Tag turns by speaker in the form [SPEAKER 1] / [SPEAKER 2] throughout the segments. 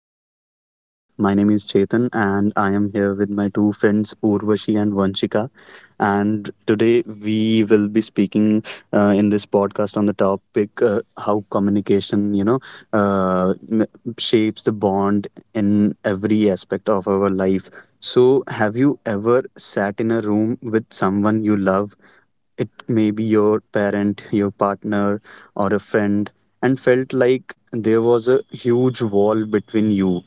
[SPEAKER 1] to our podcast. My name is Chetan and I am here with my two friends Urvashi and Vanshika. And today we will be speaking in this podcast on the topic how communication, uh, m- shapes the bond in every aspect of our life. So, have you ever sat in a room with someone you love? It may be your parent, your partner, or a friend, and felt like there was a huge wall between you.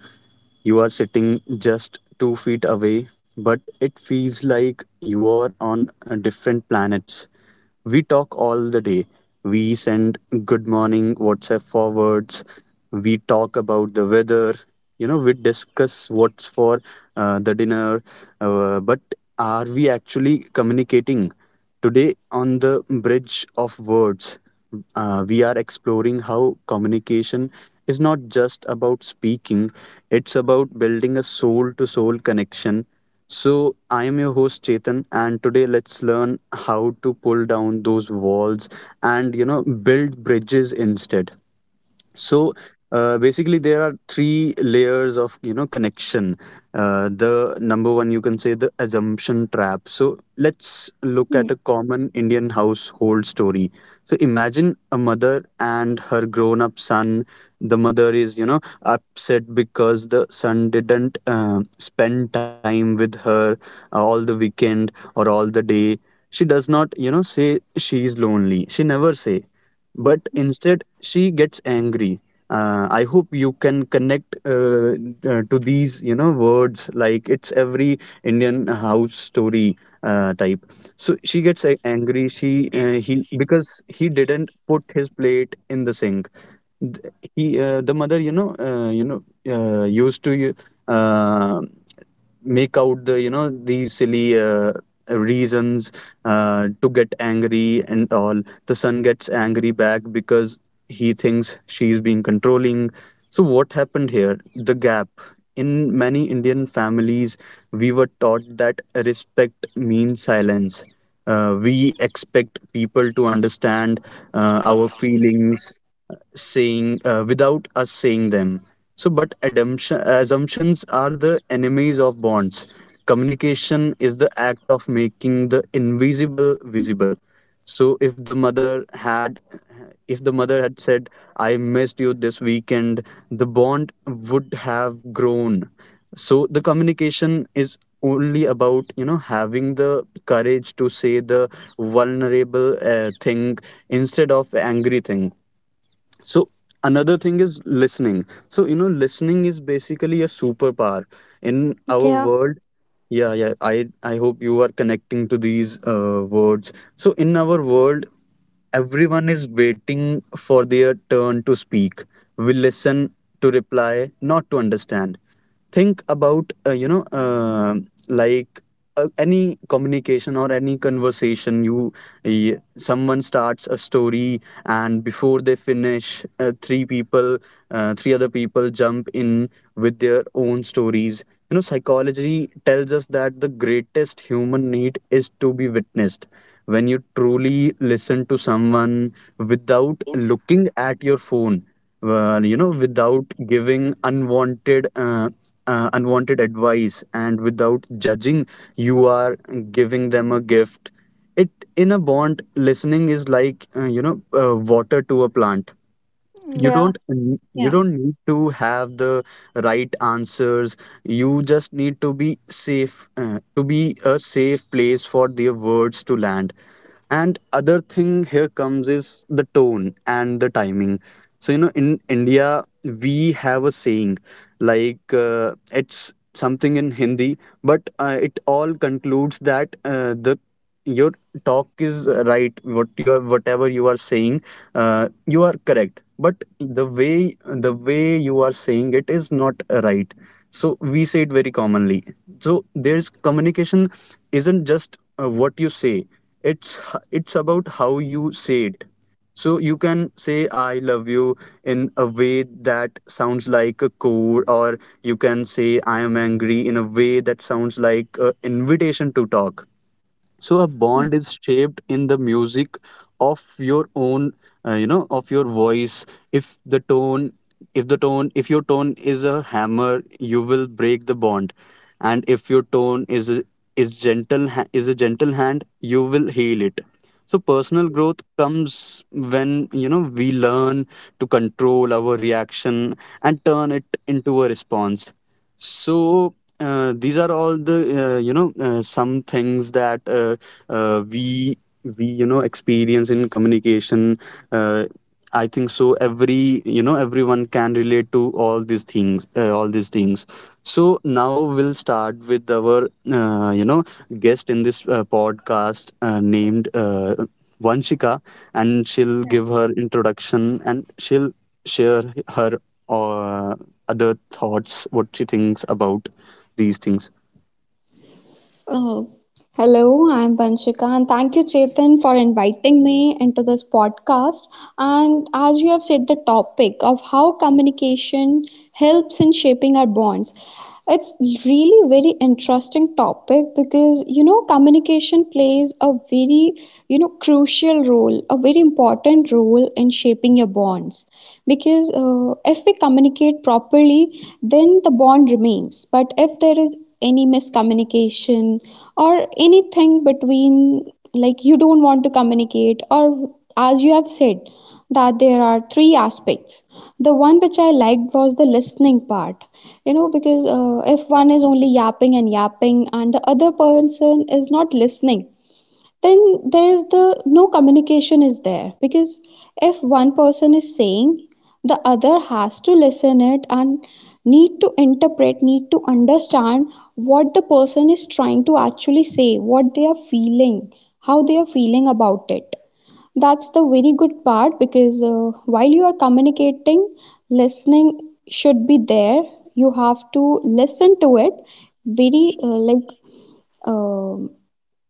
[SPEAKER 1] You are sitting just 2 feet away, but it feels like you are on a different planets. We talk all the day. We send good morning WhatsApp forwards. We talk about the weather. You know, we discuss what's for the dinner. But are we actually communicating? Today, on the bridge of words, we are exploring how communication is not just about speaking, it's about building a soul to soul connection. So, I am your host Chetan, and today let's learn how to pull down those walls and, you know, build bridges instead. So basically there are three layers of, you know, connection. The number one you can say the assumption trap. So let's look
[SPEAKER 2] Hmm,
[SPEAKER 1] at a common Indian household story. So imagine a mother and her grown up son. The mother is, you know, upset because the son didn't spend time with her all the weekend or all the day. She does not, you know, say she's lonely, she never say, but instead she gets angry. I hope you can connect to these, you know, words, like it's every Indian house story type. So she gets angry. She he because he didn't put his plate in the sink. Th- He The mother, used to uh, make out the, you know, these silly reasons to get angry. And all the son gets angry back because he thinks she's being controlling. So what happened here? The gap in many Indian families, we were taught that respect means silence. We expect people to understand our feelings, saying without us saying them. But assumptions are the enemies of bonds. Communication is the act of making the invisible visible. So, if the mother had said, "I missed you this weekend," the bond would have grown. So, the communication is only about, you know, having the courage to say the vulnerable thing instead of angry thing. So another thing is listening. So, you know, listening is basically a superpower in our
[SPEAKER 3] Yeah,
[SPEAKER 1] world. Yeah, yeah. I hope you are connecting to these words. So in our world, everyone is waiting for their turn to speak. We listen to reply, not to understand. Think about like any communication or any conversation. Someone starts a story, and before they finish, three other people jump in with their own stories. You know, psychology tells us that the greatest human need is to be witnessed. When you truly listen to someone without looking at your phone, well, you know, without giving unwanted advice and without judging, you are giving them a gift. It In a bond, listening is like, water to a plant.
[SPEAKER 3] yeah,
[SPEAKER 2] Yeah,
[SPEAKER 1] You don't need to have the right answers, you just need to be safe, to be a safe place for their words to land. And other thing here comes is the tone and the timing. So, you know, in India we have a saying, like, it's something in Hindi, but it all concludes that the your talk is right, whatever you are saying, you are correct, but the way you are saying it is not right. So we say it very commonly. So there's communication isn't just what you say, it's it's about how you say it. So you can say I love you in a way that sounds like a code, or you can say I am angry in a way that sounds like an invitation to talk. So a
[SPEAKER 2] hmm,
[SPEAKER 1] bond is shaped in the music of your own, of your voice. If the tone if the tone if your tone is a hammer, you will break the bond. And if your tone is a, is gentle ha- is a gentle hand, you will heal it. So personal growth comes when, you know, we learn to control our reaction and turn it into a response. So these are all the, some things that uh, we we you know experience in communication. Uh, I think so. Everyone can relate to all these things. So now we'll start with our, you know, guest in this podcast, named Vanshika, and she'll
[SPEAKER 2] yeah.
[SPEAKER 1] give her introduction and she'll share her uh, other thoughts, what she thinks about these things.
[SPEAKER 2] Oh, hello, I'm Banshika, and thank you, Chetan, for inviting me into this podcast. And as you have said, the topic of how communication helps in shaping our bonds. It's really very interesting topic because communication plays a very crucial role, a very important role in shaping your bonds. Because if we communicate properly, then the bond remains. But if there is any miscommunication or anything between, like you don't want to communicate, or as you have said that there are three aspects. The one which I liked was the listening part, you know because if one is only yapping and yapping and the other person is not listening, then there is the no communication is there, because if one person is saying, the other has to listen it and need to interpret, need to understand what the person is trying to actually say, what they are feeling, how they are feeling about it. That's the very good part, because while you are communicating, listening should be there. You have to listen to it very like, um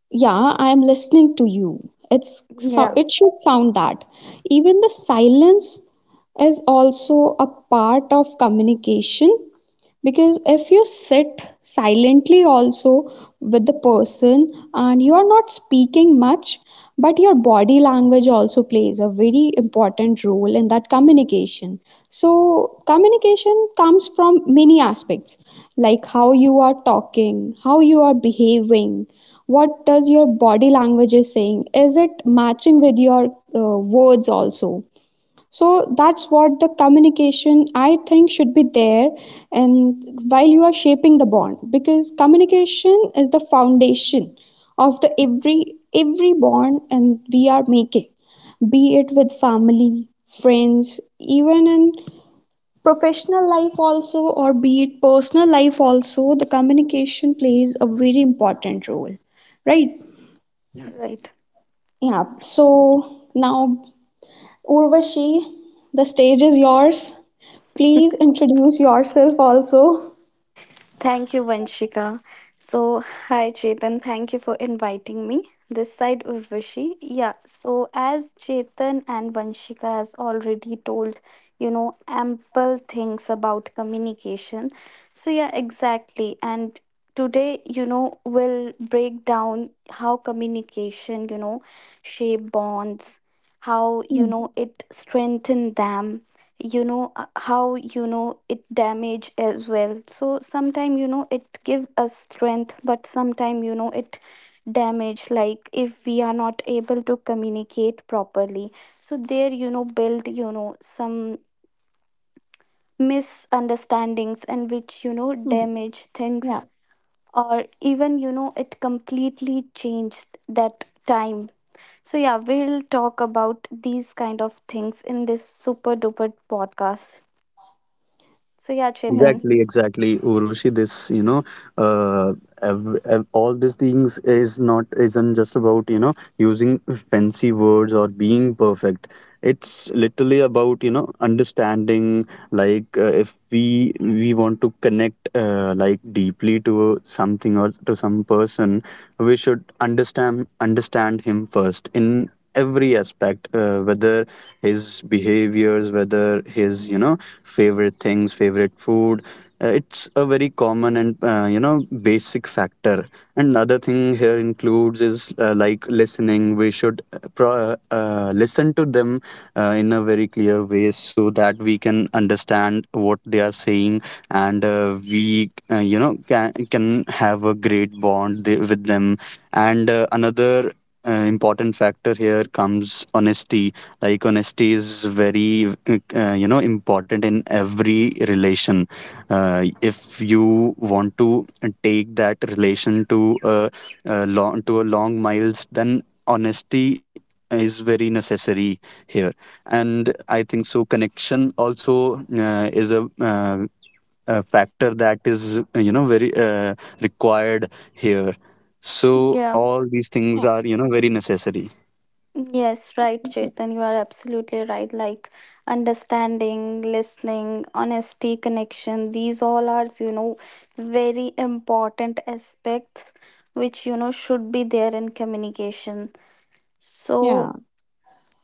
[SPEAKER 2] yeah, I am listening to you. It's so,
[SPEAKER 3] yeah,
[SPEAKER 2] it should sound that. Even the silence is also a part of communication, because if you sit silently also with the person and you are not speaking much, but your body language also plays a very important role in that communication. So communication comes from many aspects, like how you are talking, how you are behaving, what does your body language is saying, is it matching with your words also. So that's what the communication I think should be there. And while you are shaping the bond, because communication is the foundation of the every bond and we are making, be it with family, friends, even in professional life also, or be it personal life also, the communication plays a very important role, right?
[SPEAKER 3] right.
[SPEAKER 2] Yeah, so now Urvashi, the stage is yours. Please introduce yourself also.
[SPEAKER 3] Thank you, Vanshika. So, hi, Chetan. Thank you for inviting me. This side, Urvashi. Yeah, so as Chetan and Vanshika has already told, you know, ample things about communication. So, yeah, exactly. And today, you know, we'll break down how communication, you know, shape bonds, how, you
[SPEAKER 2] Hmm,
[SPEAKER 3] know, it strengthen them, you know, how, you know, it damage as well. So sometime, you know, it give us strength, but sometime, you know, it damage, like if we are not able to communicate properly, so there, you know, build, you know, some misunderstandings, and which, you know,
[SPEAKER 2] hmm,
[SPEAKER 3] damage things,
[SPEAKER 2] yeah,
[SPEAKER 3] or even, you know, it completely changed that time. So yeah, we'll talk about these kind of things in this super duper podcast. So yeah, Chetan.
[SPEAKER 2] yeah,
[SPEAKER 1] Exactly, exactly, Urushi. This, you know, uh, all these things is not isn't just about, you know, using fancy words or being perfect. It's literally about, you know, understanding. Like, if we want to connect, like deeply to something or to some person, we should understand him first in every aspect, whether his behaviors, whether his, you know, favorite things, favorite food. It's a very common and, you know, basic factor. And another thing here includes is, like listening, we should, listen to them in a very clear ways so that we can understand what they are saying. And we you know, can have a great bond with them. And another important factor here comes honesty. Like honesty is very, you know, important in every relation. uh, if you want to take that relation to a, a long miles, then honesty is very necessary here. And I think so connection also, a factor that is, you know, very, required here. So
[SPEAKER 3] Yeah.
[SPEAKER 1] all these things
[SPEAKER 2] yeah,
[SPEAKER 1] are, you know, very necessary.
[SPEAKER 3] Yes, right, Chetan. You are absolutely right. Like understanding, listening, honesty, connection, these all are, you know, very important aspects which, you know, should be there in communication. So,
[SPEAKER 2] yeah.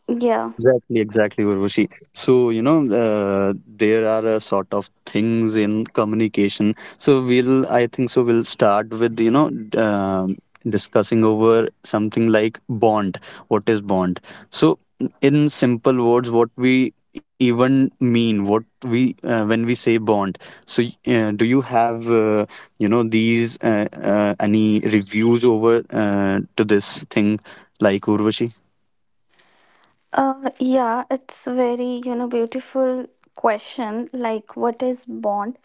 [SPEAKER 3] yeah.
[SPEAKER 1] Exactly, exactly, Urvashi. So, you know, there are a sort of things in communication. So, I think, so we'll start with, you know, discussing over something like bond. What is bond? So, in simple words, what we even mean, when we say bond. So, do you have, you know, these, any reviews over, to this thing, like Urvashi?
[SPEAKER 3] Yeah, it's very, you know, beautiful question. Like, what is bond?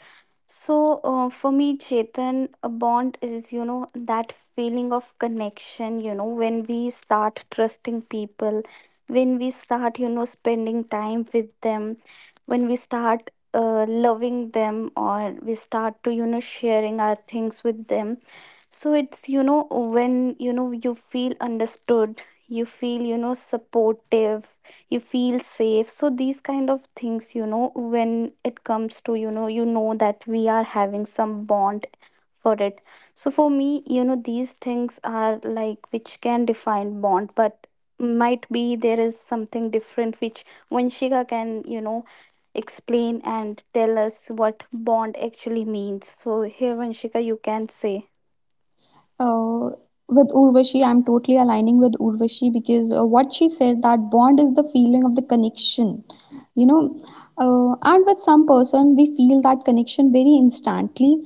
[SPEAKER 3] So, for me, Chetan, a bond is, you know, that feeling of connection, you know, when we start trusting people, when we start, you know, spending time with them, when we start loving them, or we start to, you know, sharing our things with them. So it's, you know, when, you know, you feel understood, you feel, you know, supportive, you feel safe. So these kind of things, you know, when it comes to, you know that we are having some bond for it. So for me, you know, these things are like which can define bond, but might be there is something different which Vanshika can, you know, explain and tell us what bond actually means. So here, Vanshika, you can say.
[SPEAKER 2] Uh, with Urvashi, I'm totally aligning with Urvashi, because what she said, that bond is the feeling of the connection, you know. And with some person, we feel that connection very instantly.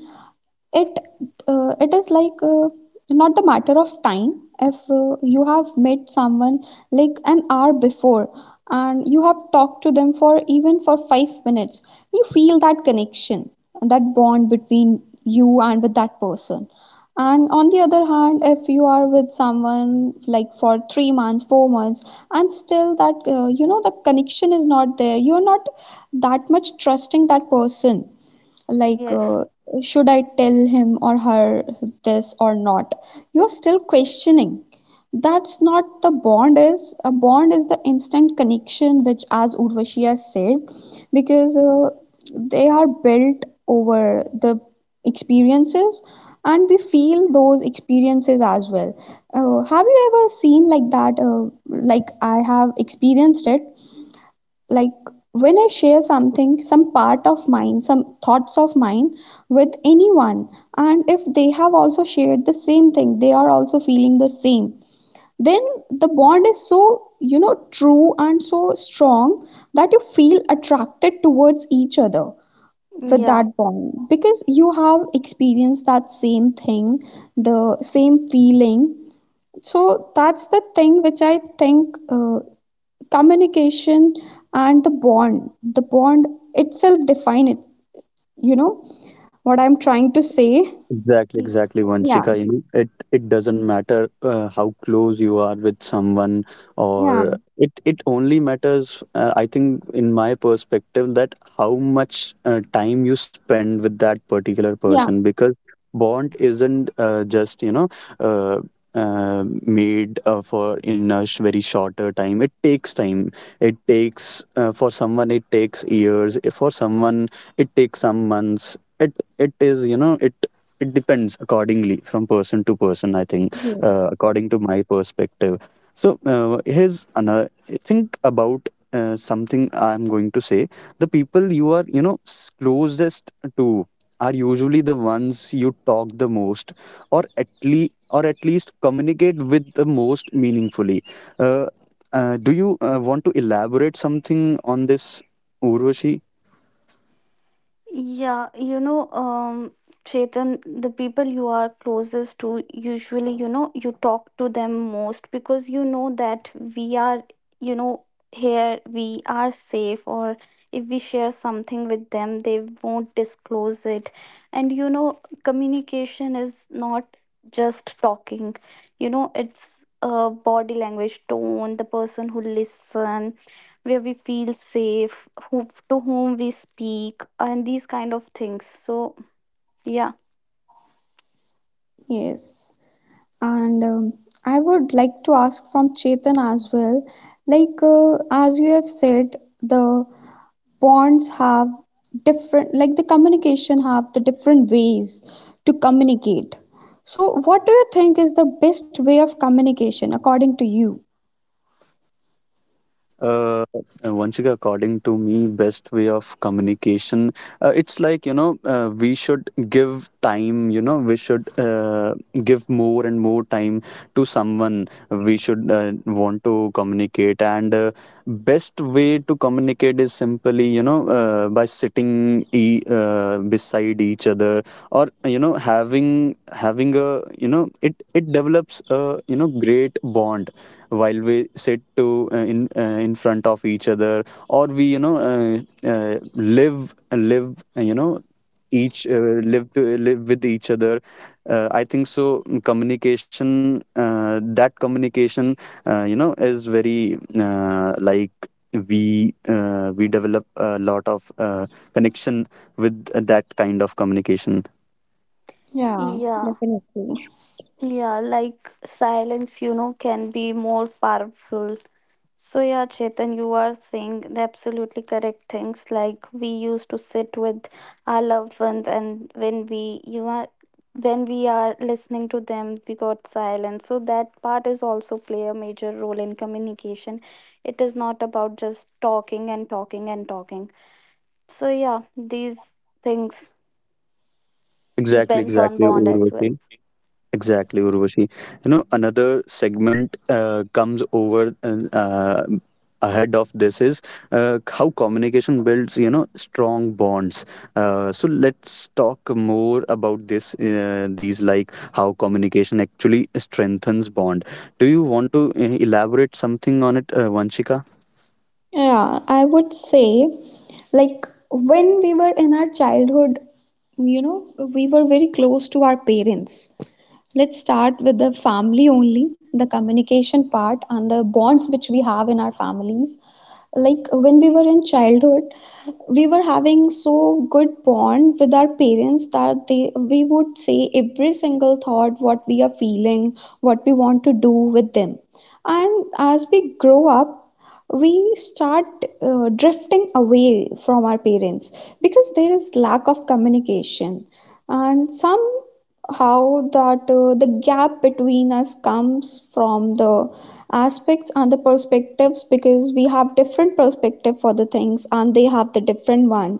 [SPEAKER 2] It uh, it is like, not the matter of time. If you have met someone like an hour before and you have talked to them for even for 5 minutes, you feel that connection, that bond between you and with that person. And on the other hand, if you are with someone like for 3 months, 4 months, and still that, the connection is not there, you are not that much trusting that person, like,
[SPEAKER 3] Yes.
[SPEAKER 2] should I tell him or her this or not, you're still questioning. That's not the bond, is a bond is the instant connection, which as Urvashi has said, because they are built over the experiences and we feel those experiences as well. Have you ever seen like that? Like I have experienced it. Like, when I share something, some part of mine, some thoughts of mine with anyone, and if they have also shared the same thing, they are also feeling the same, then the bond is so, true and so strong that you feel attracted towards each other with
[SPEAKER 3] Yeah.
[SPEAKER 2] that bond, because you have experienced that same thing, the same feeling. So that's the thing which I think communication and the bond itself define it, you know what I'm trying to say.
[SPEAKER 1] Exactly,
[SPEAKER 3] Y-
[SPEAKER 1] exactly,
[SPEAKER 2] Yeah,
[SPEAKER 1] Vanshika. You know, it doesn't matter how close you are with someone,
[SPEAKER 2] yeah,
[SPEAKER 1] or it only matters. I think, in my perspective, that how much time you spend with that particular person,
[SPEAKER 2] yeah,
[SPEAKER 1] because bond isn't, just you know. Uh, made For in very shorter time. It takes time. It takes, for someone it takes years. For someone it takes some months. It is, you know, it depends accordingly from person to person, I think,
[SPEAKER 2] ye-
[SPEAKER 1] according to my perspective. So here's another think about something I'm going to say. The people you are, you know, closest to are usually the ones you talk the most, or at least communicate with the most meaningfully. uh, do you want to elaborate something on this, Urvashi?
[SPEAKER 3] Yeah, you know, Chetan, the people you are closest to, usually, you know, you talk to them most because you know that we are, you know, here, we are safe, or if we share something with them, they won't disclose it. And, you know, communication is not just talking, you know, it's body language, tone, the person who listen, where we feel safe, who to whom we speak, and these kind of things. So yeah,
[SPEAKER 2] yes. And I would like to ask from Chetan as well, like, as you have said, the bonds have different, like the communication have the different ways to communicate. So what do you think is the best way of communication according to you?
[SPEAKER 1] Uh, Vanshika, according to me, best way of communication, it's like, you know, we should give time, you know, we should, give more and more time to someone. We should, want to communicate. And best way to communicate is simply, you know, by sitting e beside each other, or, you know, having a, you know, it develops a, you know, great bond while we sit to, in front of each other, or we, you know, live live you know, each live to live with each other. I think so communication, that communication you know, is very, like we develop a lot of, connection with that kind of communication.
[SPEAKER 2] Yeah,
[SPEAKER 3] yeah,
[SPEAKER 2] definitely.
[SPEAKER 3] yeah. Like silence, you know, can be more powerful. So yeah, Chetan, you are saying the absolutely correct things. Like we used to sit with our loved ones, and when we you are when we are listening to them, we got silence. So that part is also play a major role in communication. It is not about just talking and talking and talking. So yeah, these things
[SPEAKER 1] Exactly,
[SPEAKER 3] depends on
[SPEAKER 1] exactly,
[SPEAKER 3] bond as well.
[SPEAKER 1] Urvashi. Exactly, Urvashi. You know, another segment comes over ahead of this is, how communication builds, you know, strong bonds. So let's talk more about this, these like how communication actually strengthens bond. Do you want to elaborate something on it, Vanshika?
[SPEAKER 2] Yeah, I would say, like, when we were in our childhood, you know, we were very close to our parents. Let's start with the family only, the communication part, and the bonds which we have in our families. Like when we were in childhood, we were having so good bond with our parents that they we would say every single thought, what we are feeling, what we want to do with them. And as we grow up, we start drifting away from our parents, because there is lack of communication and some how that, the gap between us comes from the aspects and the perspectives, because we have different perspective for the things and they have the different one.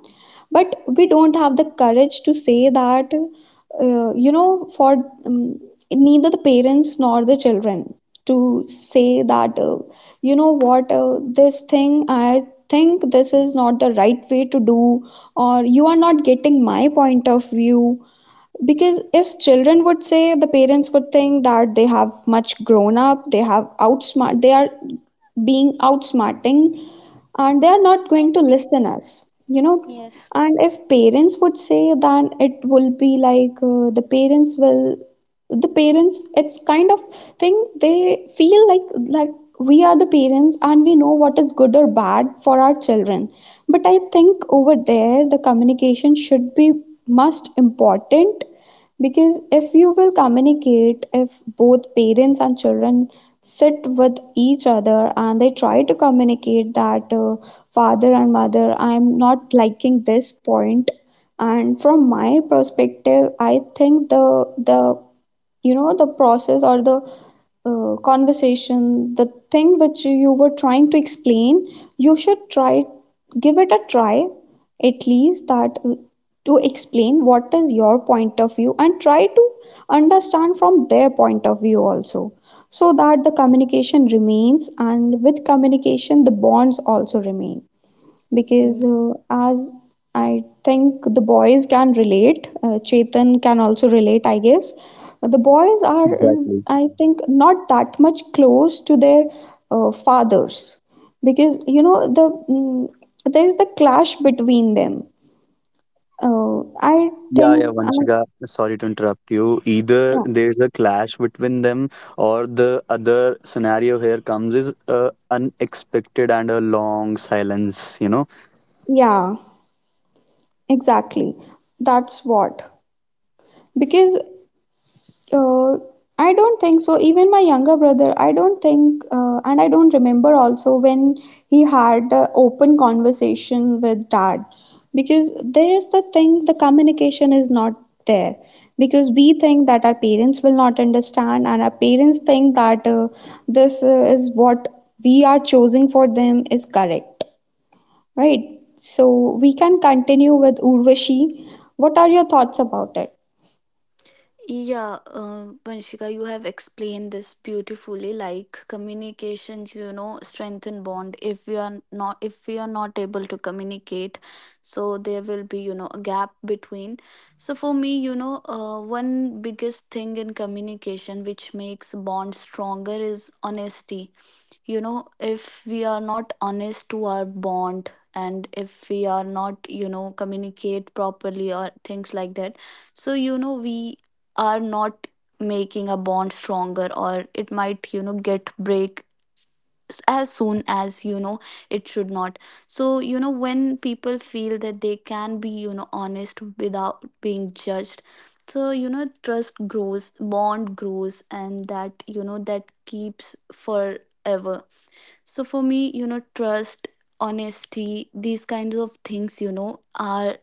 [SPEAKER 2] But we don't have the courage to say that, for, um, neither the parents nor the children to say that, you know what, this thing I think this is not the right way to do, or you are not getting my point of view, because if children would say, the parents would think that they have much grown up, they have outsmart, they are being outsmarting, and they are not going to listen us, and if parents would say, then it will be like, the parents it's kind of thing they feel like we are the parents and we know what is good or bad for our children. But I think over there the communication should be most important, because if you will communicate, if both parents and children sit with each other and they try to communicate that, father and mother, I'm not liking this point, and from my perspective I think the, the process or the conversation, the thing which you were trying to explain, you should try, give it a try at least, that, to explain what is your point of view, and try to understand from their point of view also, so that the communication remains, and with communication the bonds also remain. Because
[SPEAKER 3] Mm.
[SPEAKER 2] as I think the boys can relate, Chetan can also relate, I guess. The boys are,
[SPEAKER 1] Exactly.
[SPEAKER 2] I think, not that much close to their fathers, because you know the there is the clash between them. I
[SPEAKER 1] Yeah, yeah,
[SPEAKER 2] think,
[SPEAKER 1] Vanshika, sorry to interrupt you. Either
[SPEAKER 2] yeah,
[SPEAKER 1] there's a clash between them, or the other scenario here comes is unexpected and a long silence, you know.
[SPEAKER 2] yeah, exactly. That's what, because Uh, I don't think so. Even my younger brother, I don't think, and I don't remember also when he had a open conversation with dad, because there's the thing, the communication is not there, because we think that our parents will not understand, and our parents think that this is what we are choosing for them is correct, right? So we can continue with Urvashi. What are your thoughts about it?
[SPEAKER 3] Yeah, Vanshika, you have explained this beautifully. Like communications, you know, strengthen bond. If we are not able to communicate, so there will be, you know, a gap between. So for me, you know, one biggest thing in communication which makes bond stronger is honesty. You know, if we are not honest to our bond, and if we are not, you know, communicate properly or things like that, so you know, we are not making a bond stronger, or it might, you know, get break as soon as, you know, it should not. So you know, when people feel that they can be, you know, honest without being judged, so you know, trust grows, bond grows, and that, you know, that keeps forever. So for me, you know, trust, honesty, these kinds of things, you know, are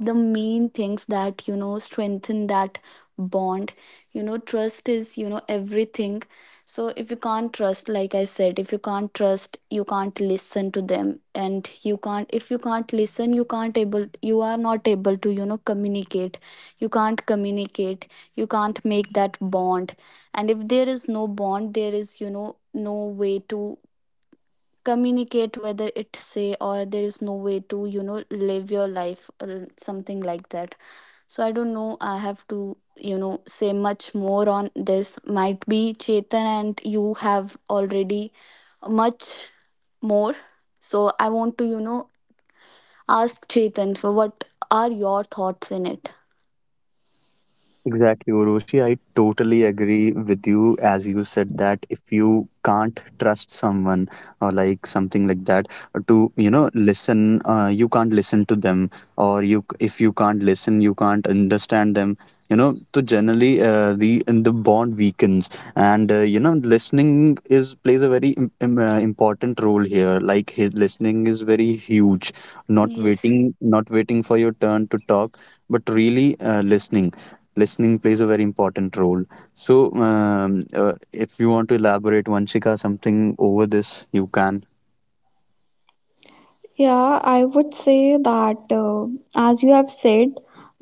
[SPEAKER 3] the main things that, you know, strengthen that bond. You know, trust is, you know, everything. So if you can't trust, like I said, if you can't trust, you can't listen to them. And you can't, if you can't listen, you are not able to, you know, communicate. You can't communicate. You can't make that bond. And if there is no bond, there is, you know, no way to communicate, whether it say, or there is no way to, you know, live your life or something like that. So I don't know, I have to, you know, say much more on this. Might be Chetan and you have already much more. So I want to, you know, ask Chetan for what are your thoughts in it.
[SPEAKER 1] Exactly, Urushi. I totally agree with you, as you said, that if you can't trust someone or like something like that, to, you know, listen, you can't listen to them, or you, if you can't listen, you can't understand them. You know, so generally the bond weakens, and listening is plays a very important role here. Like his listening is very huge. Not
[SPEAKER 3] Yes,
[SPEAKER 1] waiting, not waiting for your turn to talk, but really listening, listening plays a very important role. So, if you want to elaborate, Vanshika, something over this, you can.
[SPEAKER 2] Yeah, I would say that, as you have said,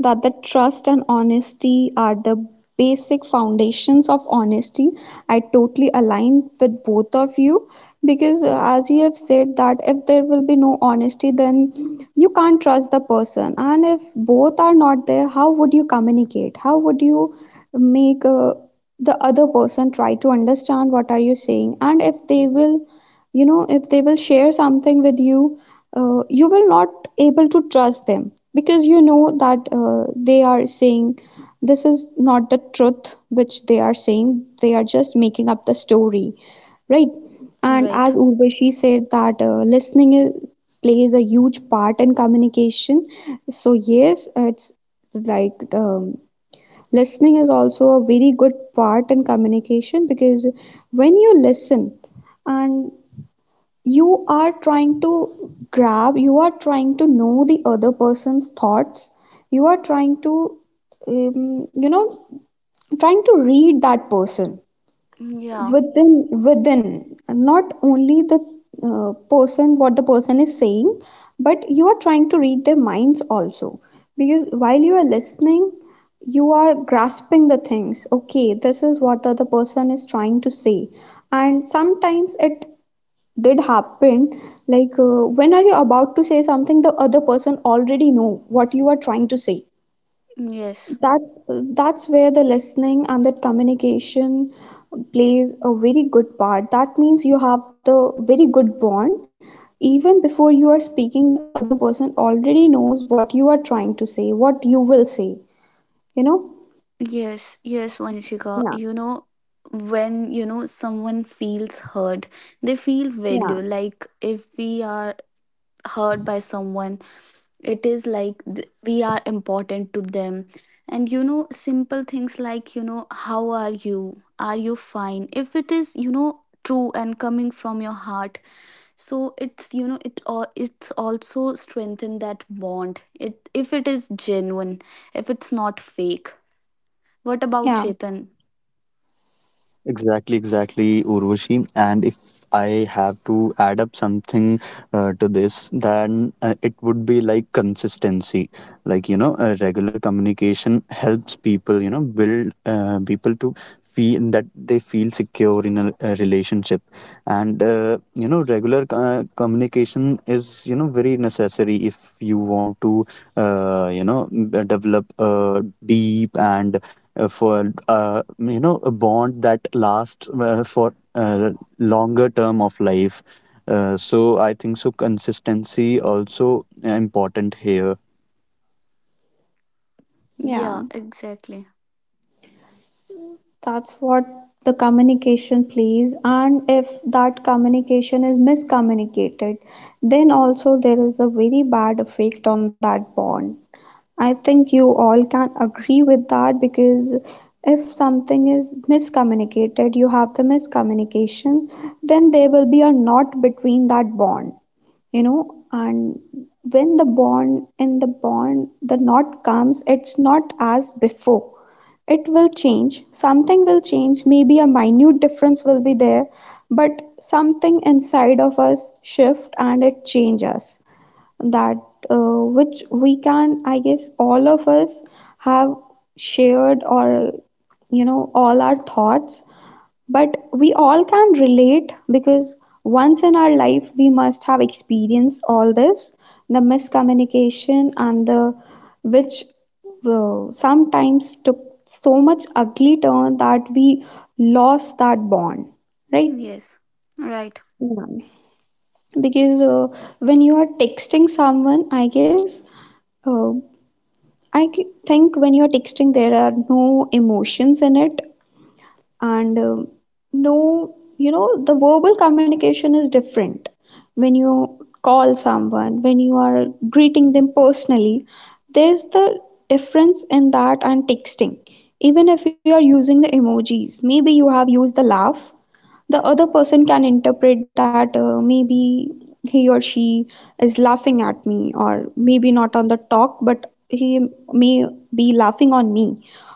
[SPEAKER 2] that the trust and honesty are the basic foundations of honesty. I totally align with both of you because, as you have said, that if there will be no honesty, then you can't trust the person. And if both are not there, how would you communicate? How would you make the other person try to understand what are you saying? And if they will, you know, if they will share something with you, you will not able to trust them, because you know that they are saying this is not the truth which they are saying, they are just making up the story, right? And
[SPEAKER 3] right.
[SPEAKER 2] as Urvashi said that, listening plays a huge part in communication. So yes, it's like, listening is also a very good part in communication, because when you listen and you are trying to grab, you are trying to know the other person's thoughts, you are um, you know, trying to read that person,
[SPEAKER 3] Yeah.
[SPEAKER 2] within, not only the person, what the person is saying, but you are trying to read their minds also. Because while you are listening, you are grasping the things, okay, this is what the other person is trying to say. And sometimes it did happen, like, when are you about to say something, the other person already know what you are trying to say.
[SPEAKER 3] Yes.
[SPEAKER 2] That's that's where the listening and that communication plays a very good part. That means you have the very good bond, even before you are speaking the other person already knows what you are trying to say, what you will say you know
[SPEAKER 3] Yes, yes, Vanshika. You
[SPEAKER 2] yeah,
[SPEAKER 3] know, when you know someone feels heard, they feel value.
[SPEAKER 2] yeah,
[SPEAKER 3] Like if we are heard by someone, it is like we are important to them. And you know, simple things like, you know, how are you? Are you fine? If it is, you know, true and coming from your heart, so it's, you know, it all, it's also strengthen that bond. It, if it is genuine, if it's not fake. What about
[SPEAKER 2] yeah,
[SPEAKER 3] Chetan?
[SPEAKER 1] Exactly, exactly, Urvashi. And if I have to add up something to this, then it would be like consistency. Like, you know, regular communication helps people, you know, build people to feel that they feel secure in a relationship. And, you know, regular communication is, you know, very necessary if you want to you know develop a deep and for you know a bond that lasts for longer term of life. So I think so consistency also important here.
[SPEAKER 2] yeah.
[SPEAKER 3] Yeah, exactly.
[SPEAKER 2] That's what the communication please, and if that communication is miscommunicated, then also there is a very bad effect on that bond. I think you all can agree with that, because if something is miscommunicated, you have the miscommunication, then there will be a knot between that bond. And when the bond, the knot comes, it's not as before. It will change, something will change, maybe a minute difference will be there, but something inside of us shift and it changes that, which we can, I guess all of us have shared, or all our thoughts. But we all can relate, because once in our life we must have experienced all this, the miscommunication, and the which sometimes took so much ugly turn that we lost that bond. Right,
[SPEAKER 3] Yes, right.
[SPEAKER 2] yeah. Because when you are texting someone, I guess, uh, think, when you're texting, there are no emotions in it. And no, the verbal communication is different. When you call someone, when you are greeting them personally, there's the difference in that and texting. Even if you are using the emojis, maybe you have used the laugh, the other person can interpret that, maybe he or she is laughing at me, or maybe not on the talk but he may be laughing on me,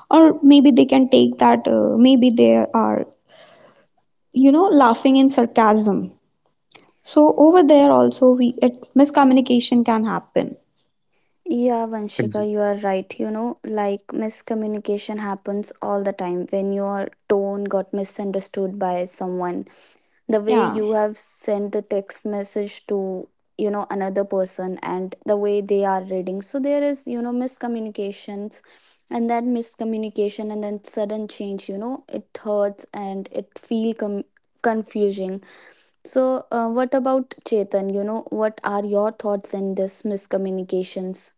[SPEAKER 2] or maybe they can take that, maybe they are laughing in sarcasm. So over there also, miscommunication can happen.
[SPEAKER 3] Yeah, Vanshika, you are right. You know, like miscommunication happens all the time when your tone got misunderstood by someone. The way
[SPEAKER 2] Yeah,
[SPEAKER 3] you have sent the text message to, you know, another person and the way they are reading. So there is, you know, miscommunications, and that miscommunication and then sudden change, you know, it hurts and it feel confusing. So, what about Chetan? You know, what are your thoughts in this miscommunications?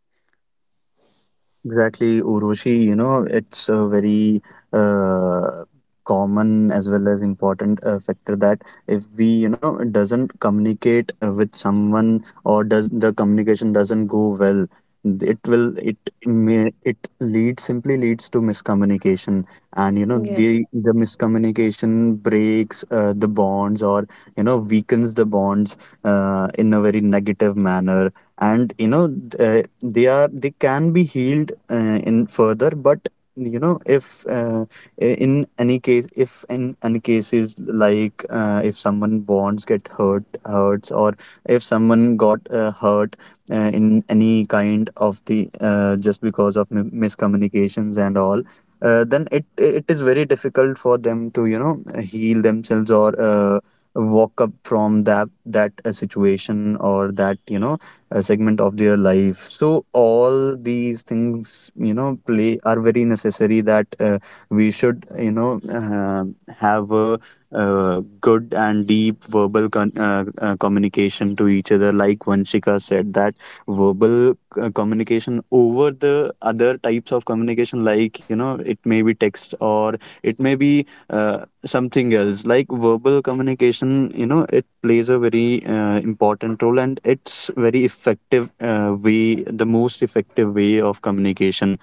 [SPEAKER 1] Exactly, Urvashi. You know, it's a very uh, common as well as important factor that if we, you know, doesn't communicate with someone, or does the communication doesn't go well, it may, it leads, simply leads to miscommunication, and you know
[SPEAKER 3] Yes.
[SPEAKER 1] the miscommunication breaks the bonds, or you know, weakens the bonds in a very negative manner. And you know they can be healed in further, but you know if in any case if in any cases, like if someone bonds get hurts, or if someone got hurt in any kind of the just because of miscommunications and all, then it is very difficult for them to you know heal themselves, or walk up from that situation, or that you know segment of their life. So all these things, you know, play are very necessary that we should you know have a good and deep verbal communication to each other. Like Vanshika said, that verbal communication over the other types of communication, like you know, it may be text, or it may be something else. Like verbal communication, you know, it plays a very important role, and it's very effective way, the most effective way of communication.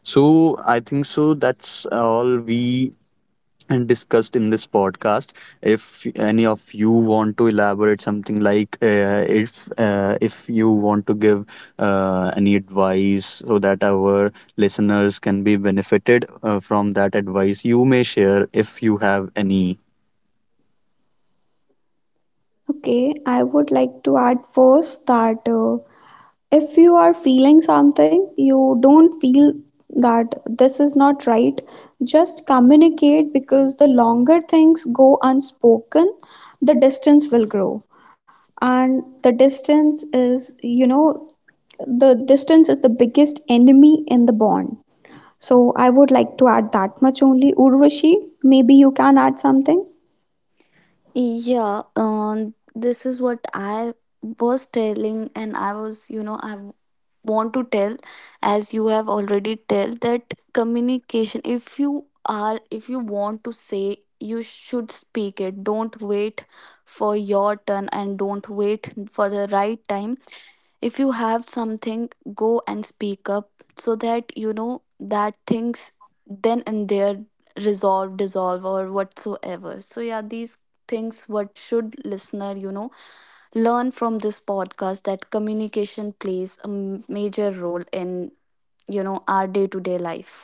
[SPEAKER 1] So I think so that's all we and discussed in this podcast. If any of you want to elaborate something, like if you want to give any advice so that our listeners can be benefited from that advice, you may share if you have any.
[SPEAKER 2] okay, I would like to add first that, if you are feeling something, you don't feel that, this is not right, just communicate, because the longer things go unspoken, the distance will grow, and the distance is the biggest enemy in the bond. So I would like to add that much only. Urvashi, maybe you can add something.
[SPEAKER 3] Yeah, this is what I was telling, and I was, you know, I want to tell, as you have already tell, that communication, if you are, if you want to say, you should speak it. Don't wait for your turn and don't wait for the right time. If you have something, go and speak up, so that you know that things then and there resolve, dissolve, or whatsoever. So yeah, these things what should listener, you know, learn from this podcast, that communication plays a major role in, you know, our day to day life.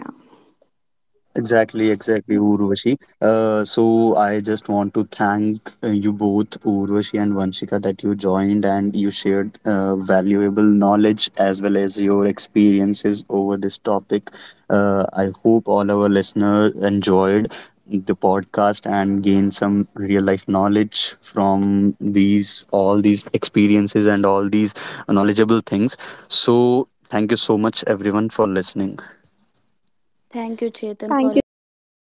[SPEAKER 2] Yeah,
[SPEAKER 1] Exactly, exactly, Urvashi. So I just want to thank you both, Urvashi and Vanshika, that you joined and you shared valuable knowledge, as well as your experiences over this topic. I hope all our listeners enjoyed the podcast and gained some real life knowledge from these all these experiences and all these knowledgeable things. So thank you so much, everyone, for listening.
[SPEAKER 3] Thank you, Chetan, for
[SPEAKER 2] thank you
[SPEAKER 3] inviting
[SPEAKER 2] Chetan
[SPEAKER 3] us.